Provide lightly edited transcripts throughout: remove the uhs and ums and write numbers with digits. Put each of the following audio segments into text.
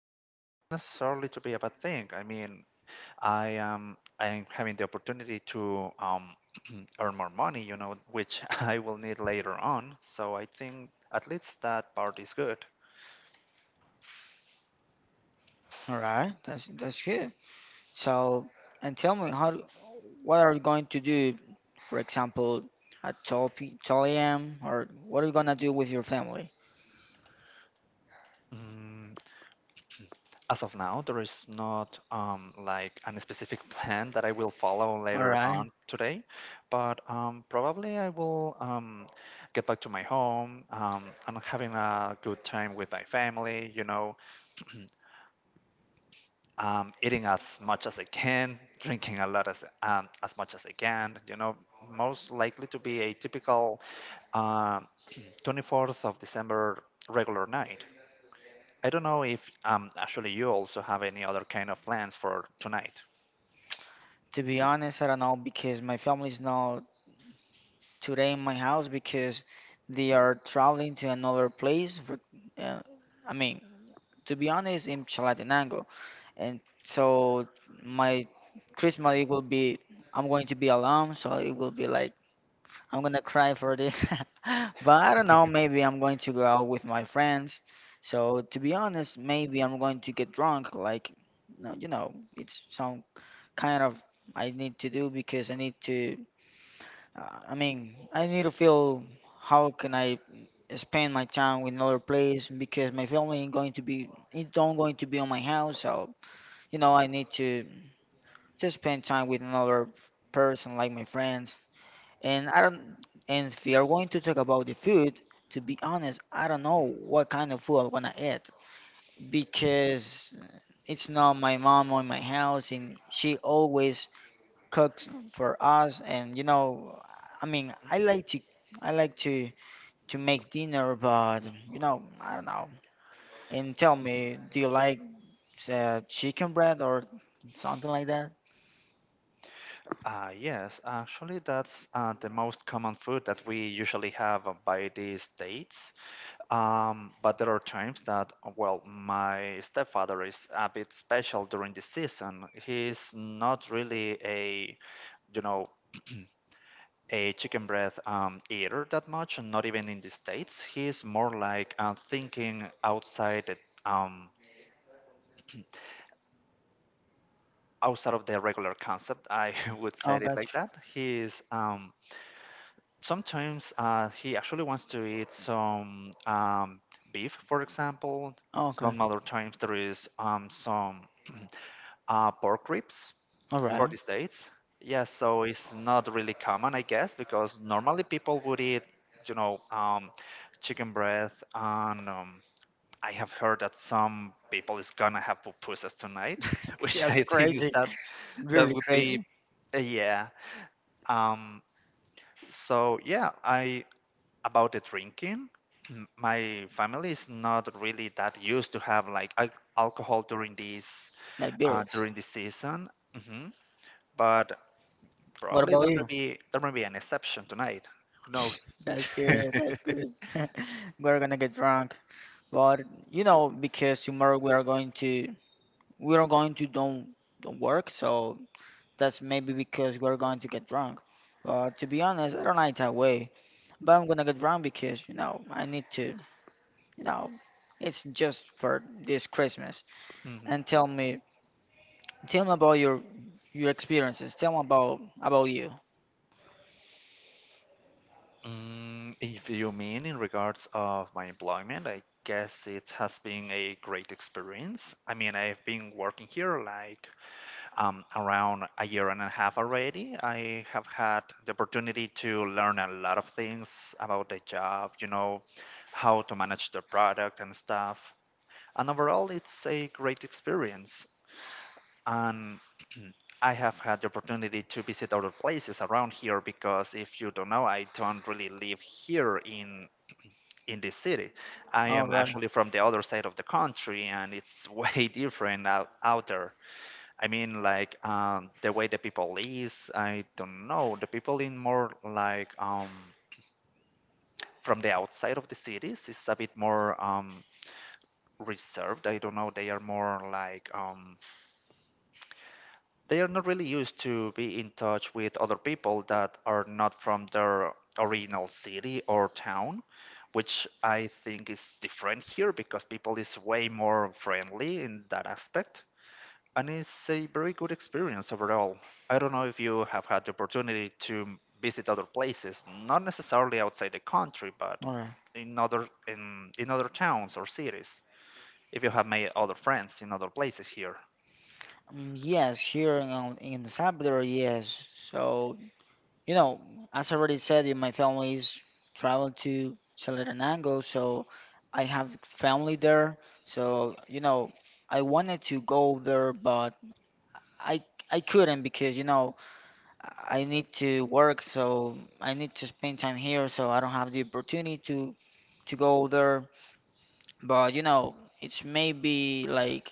it's not necessarily to be a bad thing. I mean, I'm having the opportunity to earn more money, you know, which I will need later on. So I think at least that part is good. All right, that's good. So, and tell me how, what are you going to do? For example, at 12 a.m., or what are you gonna do with your family? Mm, as of now, there is not like a specific plan that I will follow All later right. on today, but probably I will get back to my home. And having a good time with my family, you know, eating as much as I can, drinking a lot as much as I can. You know, most likely to be a typical uh, 24th of December regular night. I don't know if actually you also have any other kind of plans for tonight. To be honest, I don't know because my family is not today in my house because they are traveling to another place. Uh, I mean, to be honest, in Chalatenango, and so my Christmas it will be. I'm going to be alone, so it will be like I'm gonna cry for this. But I don't know. Maybe I'm going to go out with my friends. So to be honest, maybe I'm going to get drunk. Like, no, you know, it's some kind of I need to do because I need to. I need to feel how can I spend my time in another place because my family ain't going to be it don't going to be on my house. So you know, I need to just spend time with another person like my friends. And I don't. And if you are going to talk about the food, to be honest, I don't know what kind of food I'm gonna eat because it's not my mom or my house, and she always cooks for us, and you know, I mean, I like to, I like to make dinner, but you know, I don't know. And tell me, do you like chicken bread or something like that? Yes, actually, that's the most common food that we usually have by these dates. But there are times that, well, my stepfather is a bit special during the season. He's not really a, you know, a chicken breast eater that much, and not even in the States. He's more like thinking outside the, um, outside of the regular concept. I would say Oh, it like gotcha. that. He's sometimes he actually wants to eat some beef, for example. Oh, okay, Some other times there is some pork ribs all for right, the States. Yes. So it's not really common, I guess, because normally people would eat, you know, chicken breast, and I have heard that some people is gonna have pupusas tonight, which that's I think is crazy, that that really would crazy be, yeah. Um, so yeah, I about the drinking, my family is not really that used to have like alcohol like lyrics. during this season. Hmm. But What probably about there may you? be there may be an exception tonight. Who knows? That's good, that's good. We're gonna get drunk, but you know, because tomorrow we are going to, we are going to don't work. So that's maybe because we're going to get drunk. But to be honest, I don't like that way. But I'm gonna get drunk because, you know, I need to, you know, it's just for this Christmas. Hmm. And tell me about your experiences. Tell me about you. Mm, if you mean in regards of my employment, I guess it has been a great experience. I mean, I've been working here like around a year and a half already. I have had the opportunity to learn a lot of things about the job, you know, how to manage the product and stuff. And overall, it's a great experience. And I have had the opportunity to visit other places around here because if you don't know, I don't really live here in this city. I All am right, actually from the other side of the country and it's way different out there. I mean, like the way the people is, I don't know. The people in more like from the outside of the cities is a bit more reserved. I don't know. They are more like they are not really used to be in touch with other people that are not from their original city or town, which I think is different here because people is way more friendly in that aspect. And it's a very good experience overall. I don't know if you have had the opportunity to visit other places, not necessarily outside the country, but all right. In other towns or cities. If you have made other friends in other places here. Yes, here in El Salvador, yes. So you know, as I already said, in my family's traveled to Salaranango, so I have family there. So, you know, I wanted to go there, but I I couldn't because, you know, I need to work, so I need to spend time here, so I don't have the opportunity to go there. But, you know, it's maybe like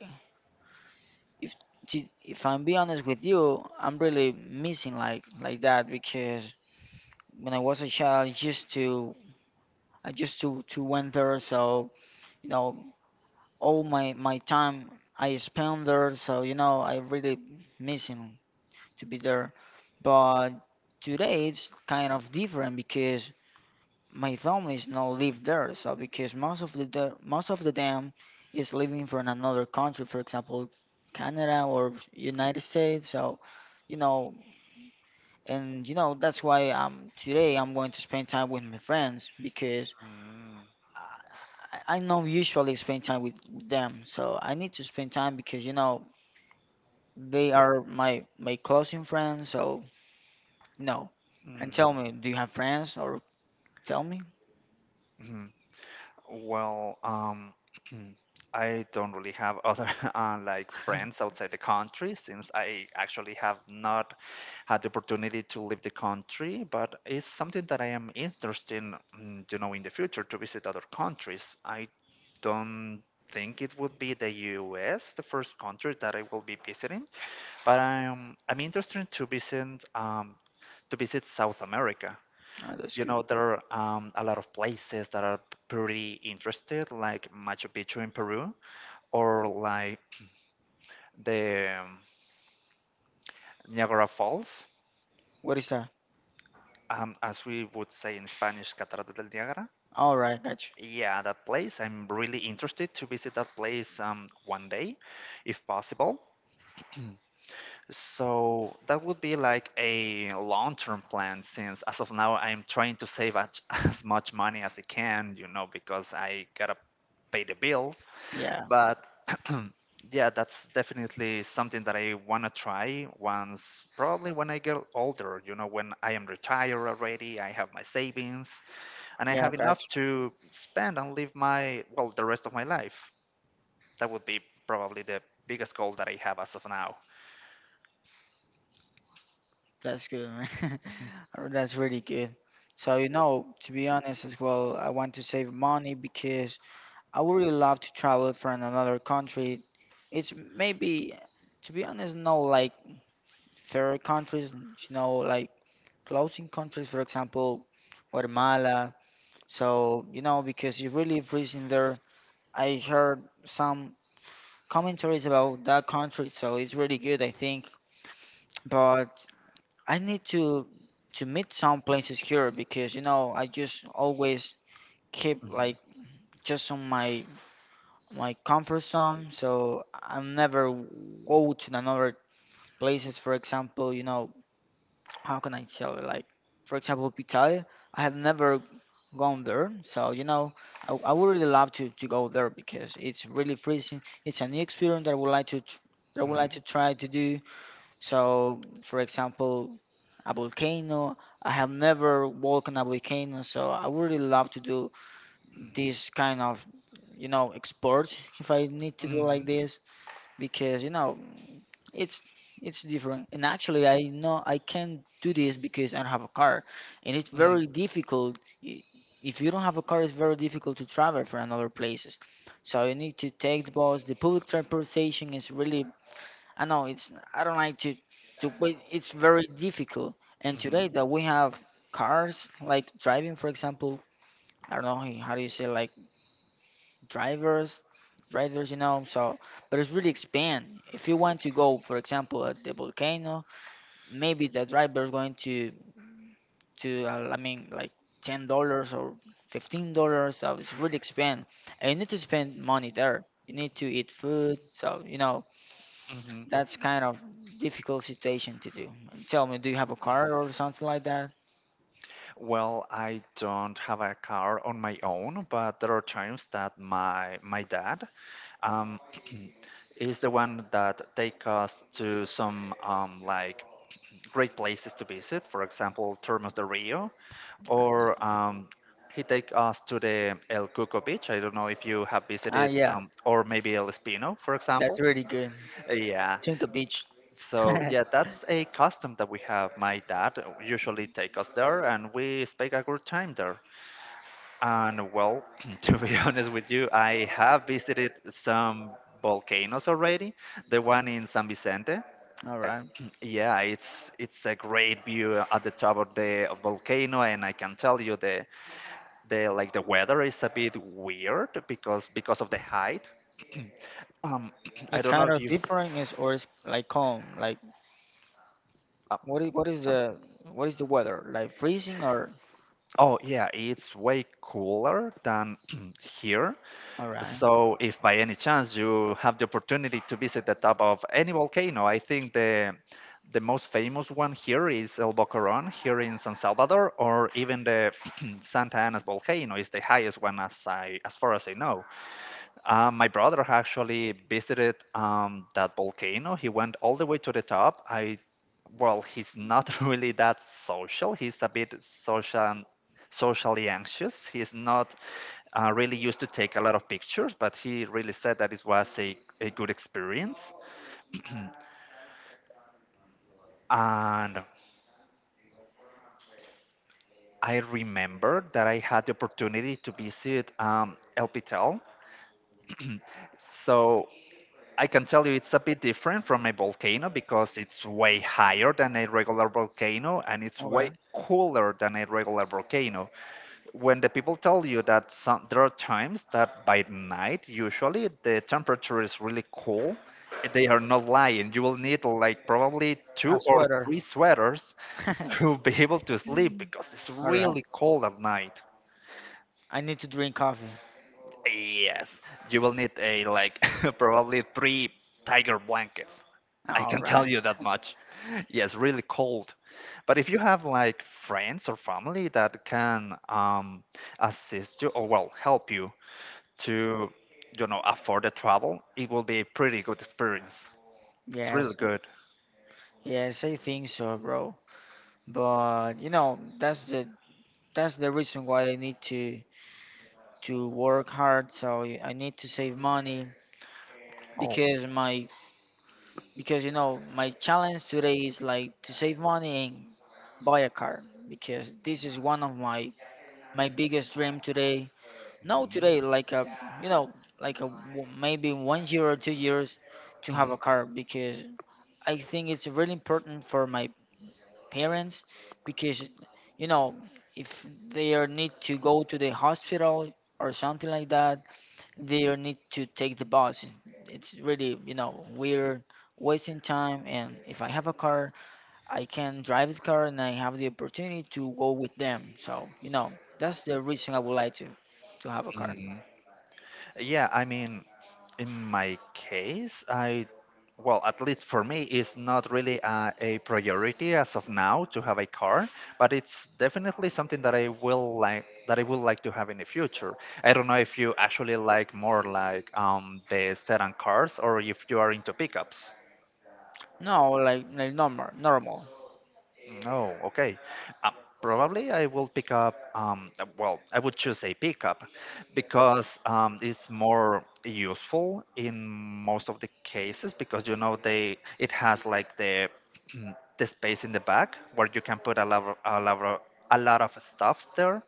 if if I'm be honest with you, I'm really missing like that, because when I was a child, I used to, I just to went there. So you know, all my time I spent there. So you know, I really missing to be there. But today it's kind of different because my family is not live there. So because most of most of the them is living from another country, for example, Canada or United States. So you know, and you know that's why today I'm going to spend time with my friends because Mm. I I know usually spend time with them, so I need to spend time because you know they are my closing friends. So no, and tell Mm, me, do you have friends or tell me? mhm. Well, I don't really have other like friends outside the country since I actually have not had the opportunity to leave the country, but it's something that I am interested in, mm, you know, in the future to visit other countries. I don't think it would be the US, the first country that I will be visiting, but I'm interested to visit to visit South America. Oh, that's You good. know, there are a lot of places that are pretty interested, like Machu Picchu in Peru, or like the Niagara Falls, What is that? As we would say in Spanish, Cataratas del Niagara. All right, got you. Yeah, that place. I'm really interested to visit that place one day, if possible. So that would be like a long-term plan since as of now I'm trying to save as, as much money as I can, you know, because I gotta pay the bills. Yeah, But yeah, that's definitely something that I wanna try once, probably when I get older, you know, when I am retired already, I have my savings and I yeah, have enough got you. to spend and live my well the rest of my life. That would be probably the biggest goal that I have as of now. That's good, man. Mhm. That's really good. So you know, to be honest as well, I want to save money because I would really love to travel from another country. It's maybe, to be honest, no like third countries, you know, like closing countries, for example, Guatemala. So, you know, because you really freeze in there. I heard some commentaries about that country, so it's really good, I think. But I need to meet some places here because, you know, I just always keep Mhm. like just on my comfort zone. So I'm never go to another places, for example, you know, how can I tell you? Like, for example, Pitaya, I have never gone there, so you know, I would really love to, go there because it's really freezing. It's a new experience that I would like to Mhm. Try to do. So, for example, a volcano. I have never walked on a volcano, so I would really love to do this kind of, you know, sports if I need to do like Mhm. this, because you know, it's different. And actually, I know I can't do this because I don't have a car, and it's Mhm. very difficult. I- if you don't have a car, it's very difficult to travel from another places, so you need to take the bus. The public transportation is really, I know it's, I don't like to wait. It's very difficult, and today Mhm. that we have cars like driving, for example, I don't know how you, how do you say like drivers, you know. So but it's really expand if you want to go, for example, at the volcano, maybe the driver is going to I mean like $10 or $15, so it's really expand, and you need to spend money there, you need to eat food, so you know Mhm. that's kind of difficult situation to do. And tell me, do you have a car or something like that? Well, I don't have a car on my own, but there are times that my dad um, is the one that take us to some like great places to visit. For example, Termas de Rio, or he take us to the El Cuco Beach. I don't know if you have Ah, visited, yeah, or maybe El Espino, for that's example. really good. Yeah. Tinka beach. All So yeah, that's a custom that we have. My dad usually take us there, and we spend a good time there. And well, to be honest with you, I have visited some volcanoes already. The one in San Vicente. Uh, right. Yeah, it's a great view at the top of the volcano, and I can tell you the like the weather is a bit weird because of the height. Um, I It's don't know kind if of you. S- different, is, or it's like calm, like. Uh, What is sorry. the, what is the weather? Like freezing or, Oh yeah, it's way cooler than here. all right. So, if by any chance you have the opportunity to visit the top of any volcano, I think the most famous one here is El Boquerón here in San Salvador, or even the Santa Ana's volcano is the highest one as far as I know. My brother actually visited that volcano. He went all the way to the top. He's not really that social. He's a bit socially anxious. He's not really used to take a lot of pictures, but he really said that it was a good experience. And I remember that I had the opportunity to visit El Pitel. So I can tell you it's a bit different from a volcano because it's way higher than a regular volcano and it's way Okay. cooler than a regular volcano. When the people tell you that some, there are times that by night usually the temperature is really cool, they are not lying. You will need like probably two A or sweater. three sweaters to be able to sleep because it's All right. really cold at night. I need to drink coffee. Yes, you will need a like probably three tiger blankets, I All can tell right. you that much. Yes, really cold. But if you have like friends or family that can assist you or well help you to, you know, afford the travel, it will be a pretty good experience. It's really Yes. good. Yes, I think so, bro. But you know, that's the reason why I need to work hard. So I need to save money Oh. because my, because you know my challenge today is like to save money and buy a car, because this is one of my biggest dream today now Mhm, today, like a, you know, like a maybe one year or two years to mhm, have a car, because I think it's really important for my parents, because you know, if they are need to go to the hospital or something like that, they are need to take the bus. It's really, you know, weird wasting time, and if I have a car, I can drive the car and I have the opportunity to go with them, so you know that's the reason I would like to have a car. mhm. Yeah, I mean, in my case, at least for me, it's not really a priority as of now to have a car, but it's definitely something that I would like to have in the future. I don't know if you actually like more like the sedan cars or if you are into pickups. No, like normal, normal. No, okay. Uh, Probably I will pick up, I would choose a pickup because it's more useful in most of the cases because you know they it has like the the space in the back where you can put a lot of stuff there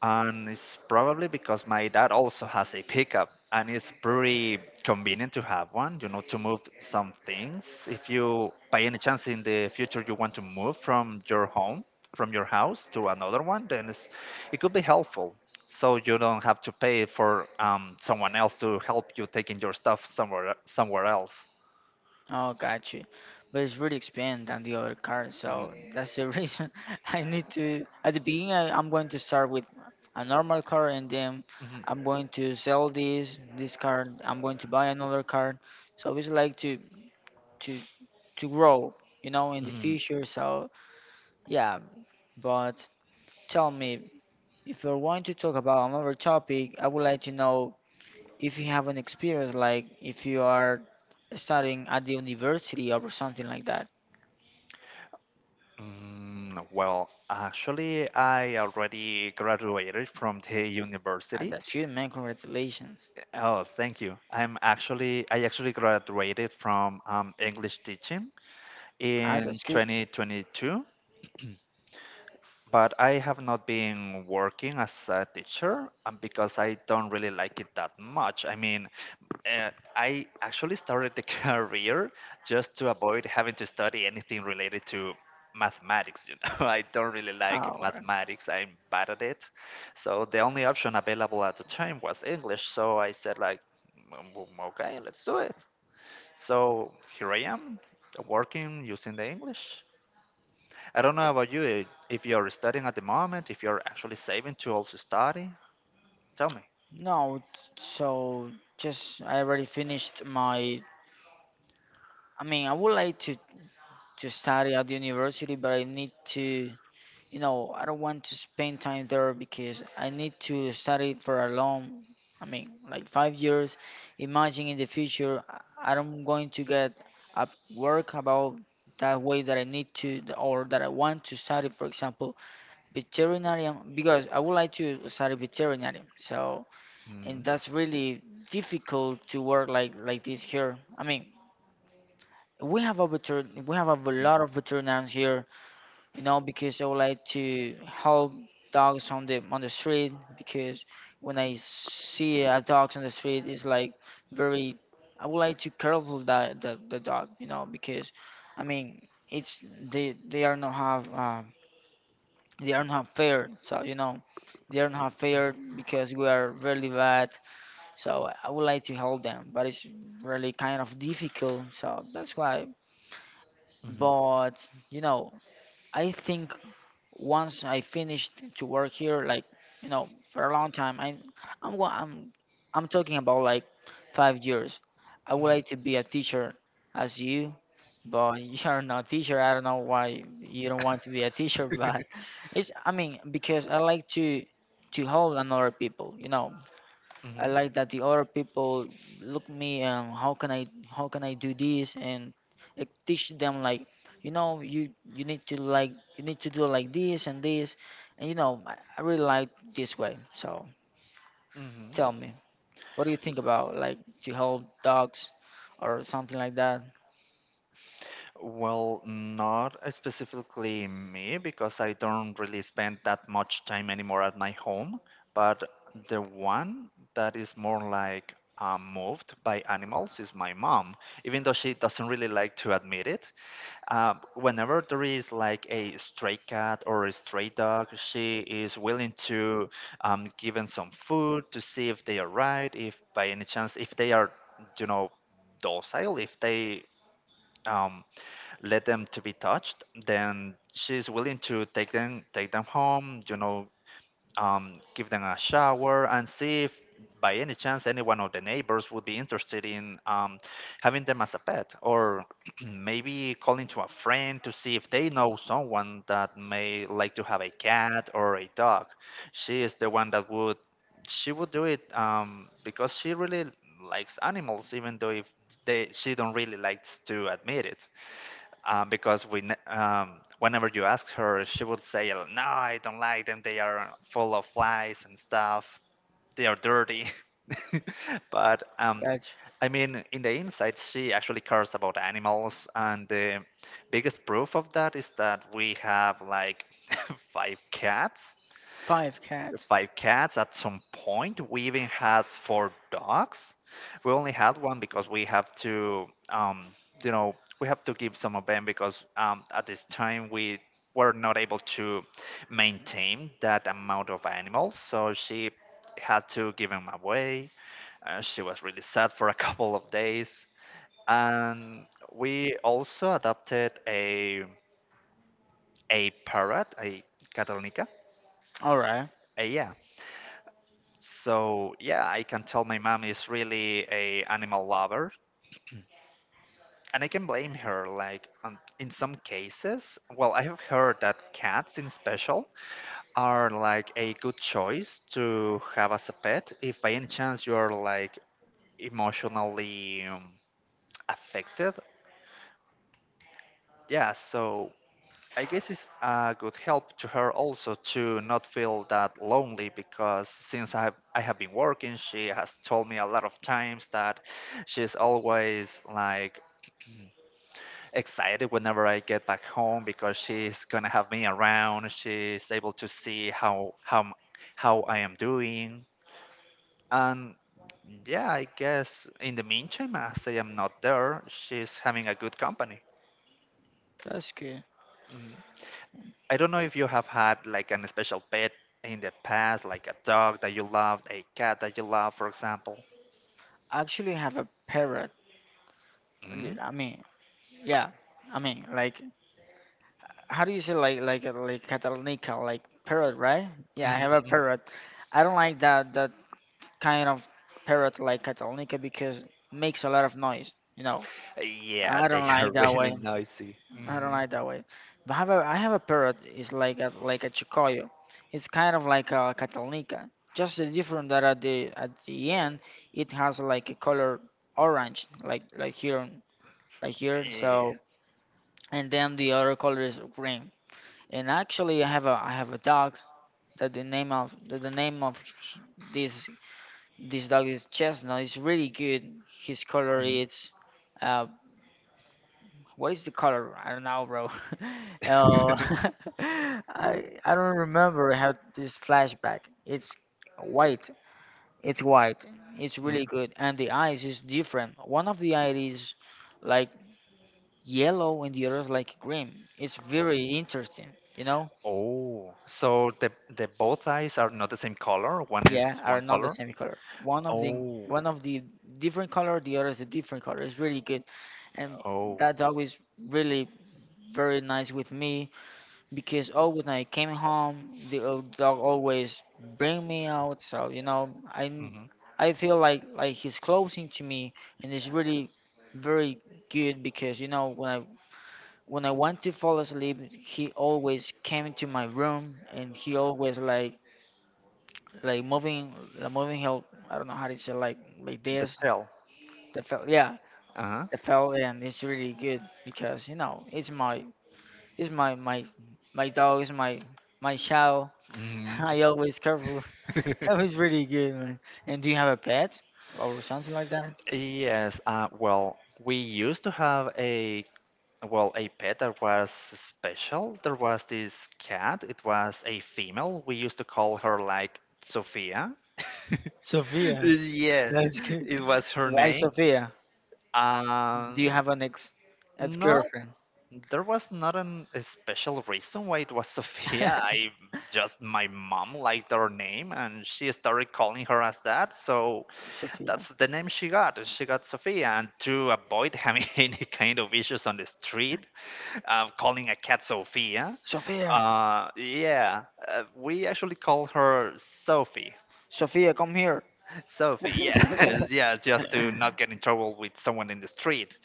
and it's probably because my dad also has a pickup, and it's pretty convenient to have one, you know, to move some things. If you, by any chance, in the future you want to move from your home, from your house to another one, then it's, it could be helpful. So you don't have to pay for someone else to help you taking your stuff somewhere else. Oh, got you. But it's really expensive than the other car, Mhm. so that's the reason. I need to. At the beginning, I'm going to start with a normal car, and then Mhm. I'm going to sell this car. I'm going to buy another car. So it's like to to grow, you know, in the Mm, future. So yeah, but tell me if you're going to talk about another topic, I would like to know if you have an experience, like if you are studying at the university or something like that. mm, well, actually, I already graduated from the Ah, university. that's good, man, congratulations. Oh, thank you. I actually graduated from English teaching Ah, in that's good. 2022, but I have not been working as a teacher because I don't really like it that much. I mean, and I actually started the career just to avoid having to study anything related to mathematics. You know, I don't really like Our mathematics. I'm bad at it. So the only option available at the time was English. So I said like, "Mm, mm, mm, okay, let's do it." So here I am working using the English. I don't know about you, if you're studying at the moment, if you're actually saving to also study, tell me. no, so just I already finished my, I mean, I would like to study at the university, but I need to, you know, I don't want to spend time there because I need to study for a long, I mean, like 5 years. Imagine in the future, I am going to get a work about that way that I need to or that I want to study, for example, veterinary, because I would like to study veterinary. So, and Mhm, that's really difficult to work like this here. I mean, we have a mhm, lot of veterinarians here, you know, because I would like to help dogs on the street, because when I see a dog on the street, it's like very. I would like to careful that the dog, you know, because I mean it's, they are not have they are not fair, so you know they are not fair because we are really bad. So I would like to help them, but it's really kind of difficult. So that's why. But you know, I think once I finished to work here, like you know, for a long time, I, I'm go- I'm talking about like 5 years. I mhm, would mhm, like to be a teacher as you, but you're not a teacher. I don't know why you don't want to be a teacher, but it's, I mean because I like to help another people. You know, mhm. I like that the other people look me how can I, how can I do this and it teach them like, you know, you need to like, you need to do like this and this and you know I really like this way. So hmm tell me, what do you think about like to help dogs or something like that? Well, not specifically me because I don't really spend that much time anymore at my home, but the one that is more like moved by animals is my mom, even though she doesn't really like to admit it. Whenever there is like a stray cat or a stray dog, she is willing to give them some food to see if they are right, if by any chance, if they are, you know, docile, if they. Um, Let them to be touched, then she's willing to take them home, give them a shower and see if by any chance any one of the neighbors would be interested in having them as a pet or maybe calling to a friend to see if they know someone that may like to have a cat or a dog. She is the one that would she would do it because she really likes animals, even though if they she don't really likes to admit it, because whenever you ask her, she would say, "No, I don't like them. They are full of flies and stuff. They are dirty." But Gotcha. I mean, in the inside, she actually cares about animals, and the biggest proof of that is that we have like five cats Five cats. At some point. We even had four dogs. We only had one because we have to, you know, we have to give some of them because at this time we were not able to maintain that amount of animals. So she had to give them away. She was really sad for a couple of days. And we also adopted a parrot, a catalnica. All right, Yeah, so yeah, I can tell my mom is really a animal lover, and I can blame her. Like in some cases, well, I have heard that cats in special are like a good choice to have as a pet if by any chance you are like emotionally affected. Yeah, so I guess it's a good help to her also to not feel that lonely because since I have been working, she has told me a lot of times that she's always like excited whenever I get back home because she's gonna have me around. She's able to see how I am doing, and yeah, I guess in the meantime, as I am not there, she's having a good company. that's good. I don't know if you have had like an special pet in the past, like a dog that you loved, a cat that you love, for example. I actually have a parrot. Mm, Yeah, I mean, yeah, I mean, like how do you say like like Catalunya, like parrot, right? Yeah, I have a mm. parrot. I don't like that kind of parrot like Catalunya because makes a lot of noise. You know, Yeah, I don't they are like that really way. noisy. I don't Hmm. like that way. But I have a, I have a parrot. It's like a, like a Chicoyo. It's kind of like a Catalunya. Just the different that at the end it has like a color orange, like here, like here. Yeah. So and then the other color is green. And actually, I have a, I have a dog that the name of that the name of h- this this dog is Chestnut. It's really good. His color Mm, is uh what is the color? I don't know, bro. uh, I don't remember. I had this flashback. It's white. It's white. It's mm. really good. And the eyes is different. One of the eyes is like yellow, and the other is like green. It's very interesting. You know. Oh, so the both eyes are not the same color. One is Yeah, are one not the color. same color. One of the, Oh, one of the different color, the other is a different color. It's really good. And oh. that's always really very nice with me because always when I came home, the old dog always bring me out. So you know, I Hmm. I feel like he's closing to me, and it's really very good because you know, when I want to fall asleep, he always came into my room and he always like moving the moving help. I don't know how to say like The this, tail. the felt, yeah, Uh-huh. the felt. And it's really good because you know, it's my, it's my dog is my, my child. Hmm. I always careful. So it's really good, man. And do you have a pet or something like that, Yes, well, we used to have a well, a pet that was special. There was this cat. It was a female. We used to call her like Sophia. Sophia? Yes, That's good. it was her Why, name. Sophia, do um you have an ex, no, ex-girlfriend? there was not a special reason why it was Sophia. I just My mom liked her name, and she started calling her as that, so Sophia, that's the name she got. And she got Sophia, and to avoid having any kind of issues on the street, calling a cat Sophia. Sophia, Yeah, we actually call her Sophie. Sophia, come here. Sophie, yeah, yeah, just to not get in trouble with someone in the street,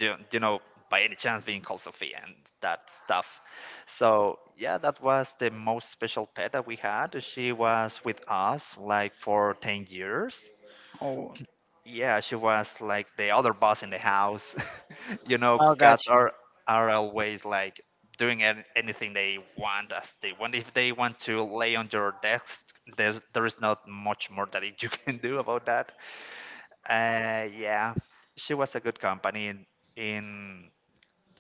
you, you know, by any chance being called Sophie and that stuff. So, yeah, that was the most special pet that we had. She was with us like for 10 years. Oh, Yeah, she was like the other boss in the house. I got Cats you, are always like doing anything they want as they want. If they want to lay on your desk, there is not much more that you can do about that. Yeah, she was a good company in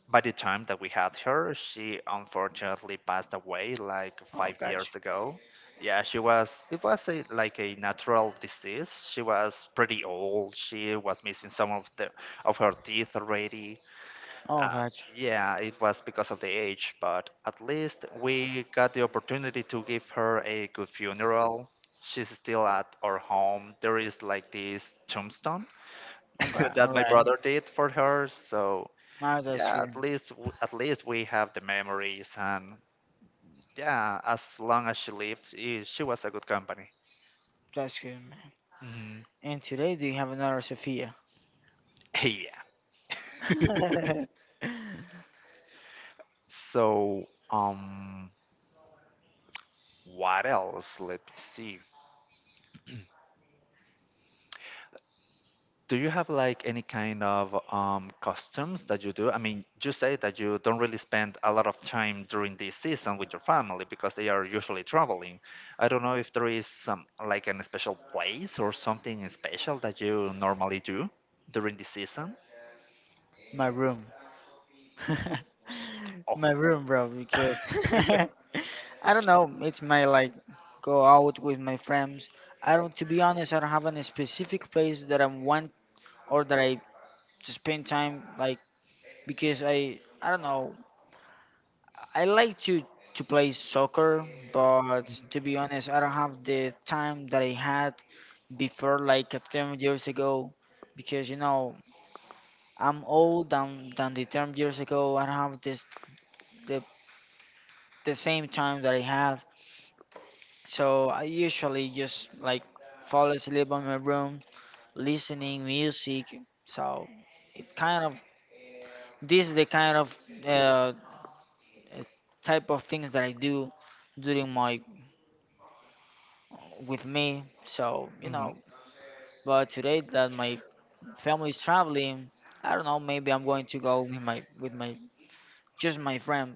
by the time that we had her. She unfortunately passed away like I five got you, years ago. Yeah, it was like a natural disease. She was pretty old. She was missing some of her teeth already. I Um, got you. yeah, it was because of the age, but at least we got the opportunity to give her a good funeral. She's still at our home. There is like this tombstone Okay, all that my right. brother did for her, so Ah, that's yeah, at good. least at least we have the memories, and yeah, as long as she lived, she was a good company. That's good, man. Hmm. And today, do you have another Sophia? Yeah, so, um what else, let me see. Do you have like any kind of customs that you do? I mean, you say that you don't really spend a lot of time during this season with your family because they are usually traveling. I don't know if there is some like an special place or something special that you normally do during the season. My room. My room, bro, because I don't know. It's my like go out with my friends. I don't, to be honest, I don't have any specific place that I want or that I to spend time like because I don't know. I like to play soccer, but to be honest, I don't have the time that I had before like a 10 years ago because you know I'm old than the 10 years ago. I don't have this the the same time that I have. So I usually just like fall asleep on my room listening music. So it kind of, this is the kind of uh, uh, type of things that I do during my with me. So you Mhm, know, but today that my family is traveling, I don't know. Maybe I'm going to go with my, with my just my friend,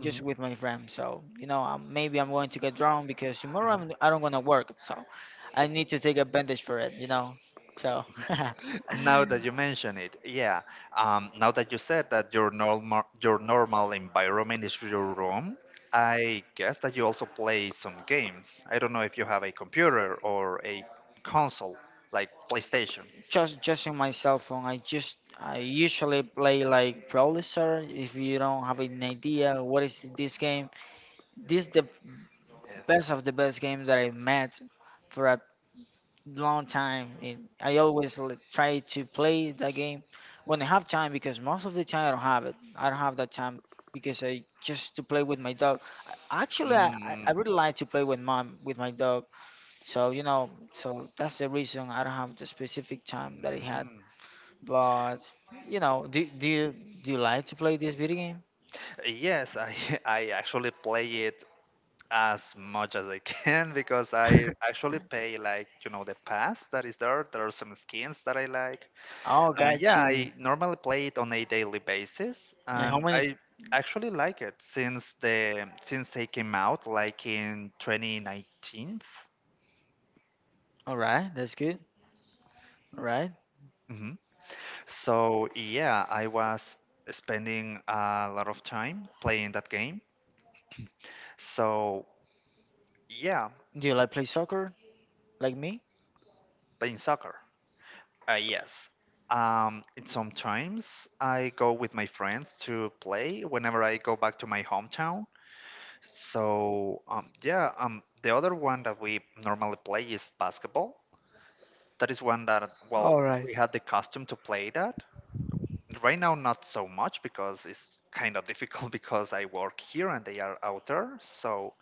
just with my friend. So you know, maybe I'm going to get drunk because tomorrow mhm. I'm, I don't gonna work. So I need to take advantage for it. You know, so Now that you mention it, yeah. Now that you said that your normal environment is your room, I guess that you also play some games. I don't know if you have a computer or a console like PlayStation. just in my cell phone, I usually play like Brawl Stars. If you don't have an idea what is this game, this is the best Yes. of the best game that I met for a long time. And I always try to play that game when I have time because most of the time I don't have it. I don't have that time because I just to play with my dog. Actually, I Mm, really like to play with mom with my dog. So you know, so that's the reason I don't have the specific time that I had. mm. But you know, do you like to play this video game? Yes, I I actually play it as much as I can because I actually pay like the pass that is there. There are some skins that I like. Oh, got Yeah, you. I normally play it on a daily basis, And how and I many? actually like it since the since they came out like in 2019. All right, that's good. All right. hmm So yeah, I was spending a lot of time playing that game. So yeah, Do you like play soccer like me? playing soccer. Yes. And sometimes I go with my friends to play whenever I go back to my hometown. So, yeah, the other one that we normally play is basketball. That is one that, well, All right. we had the custom to play that. Right now, not so much because it's kind of difficult because I work here and they are out there. So,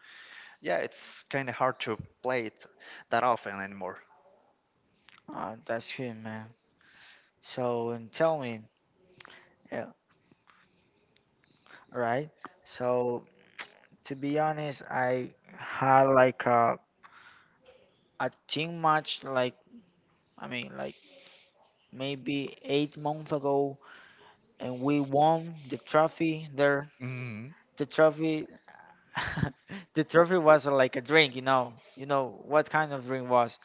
yeah, it's kind of hard to play it that often anymore. Oh, that's good, man. So and tell me, yeah, right? So to be honest, I had like a team match like I mean like maybe 8 months ago, and we won the trophy there. Hmm. The trophy, the trophy was like a drink, you know. You know what kind of drink was?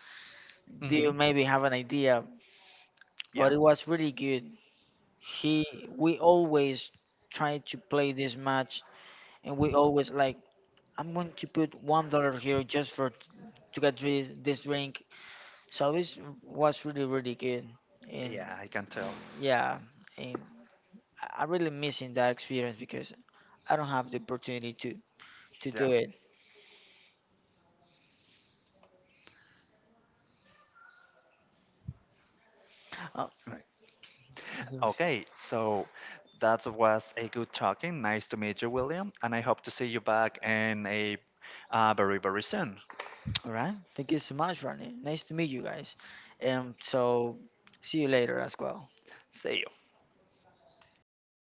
Do you Hmm. maybe have an idea? But Yeah. it was really good. He, we always try to play this match, and we always like I'm going to put $1 here just for to get this drink. So it was really really good, and Yeah, I can tell. yeah, and I am really missing that experience because I don't have the opportunity to do Yeah. it. Right. Okay, so that was a good talking. Nice to meet you, William, and I hope to see you back in a very, very soon. All right. Thank you so much, Ronnie. Nice to meet you guys, and so see you later as well. See you.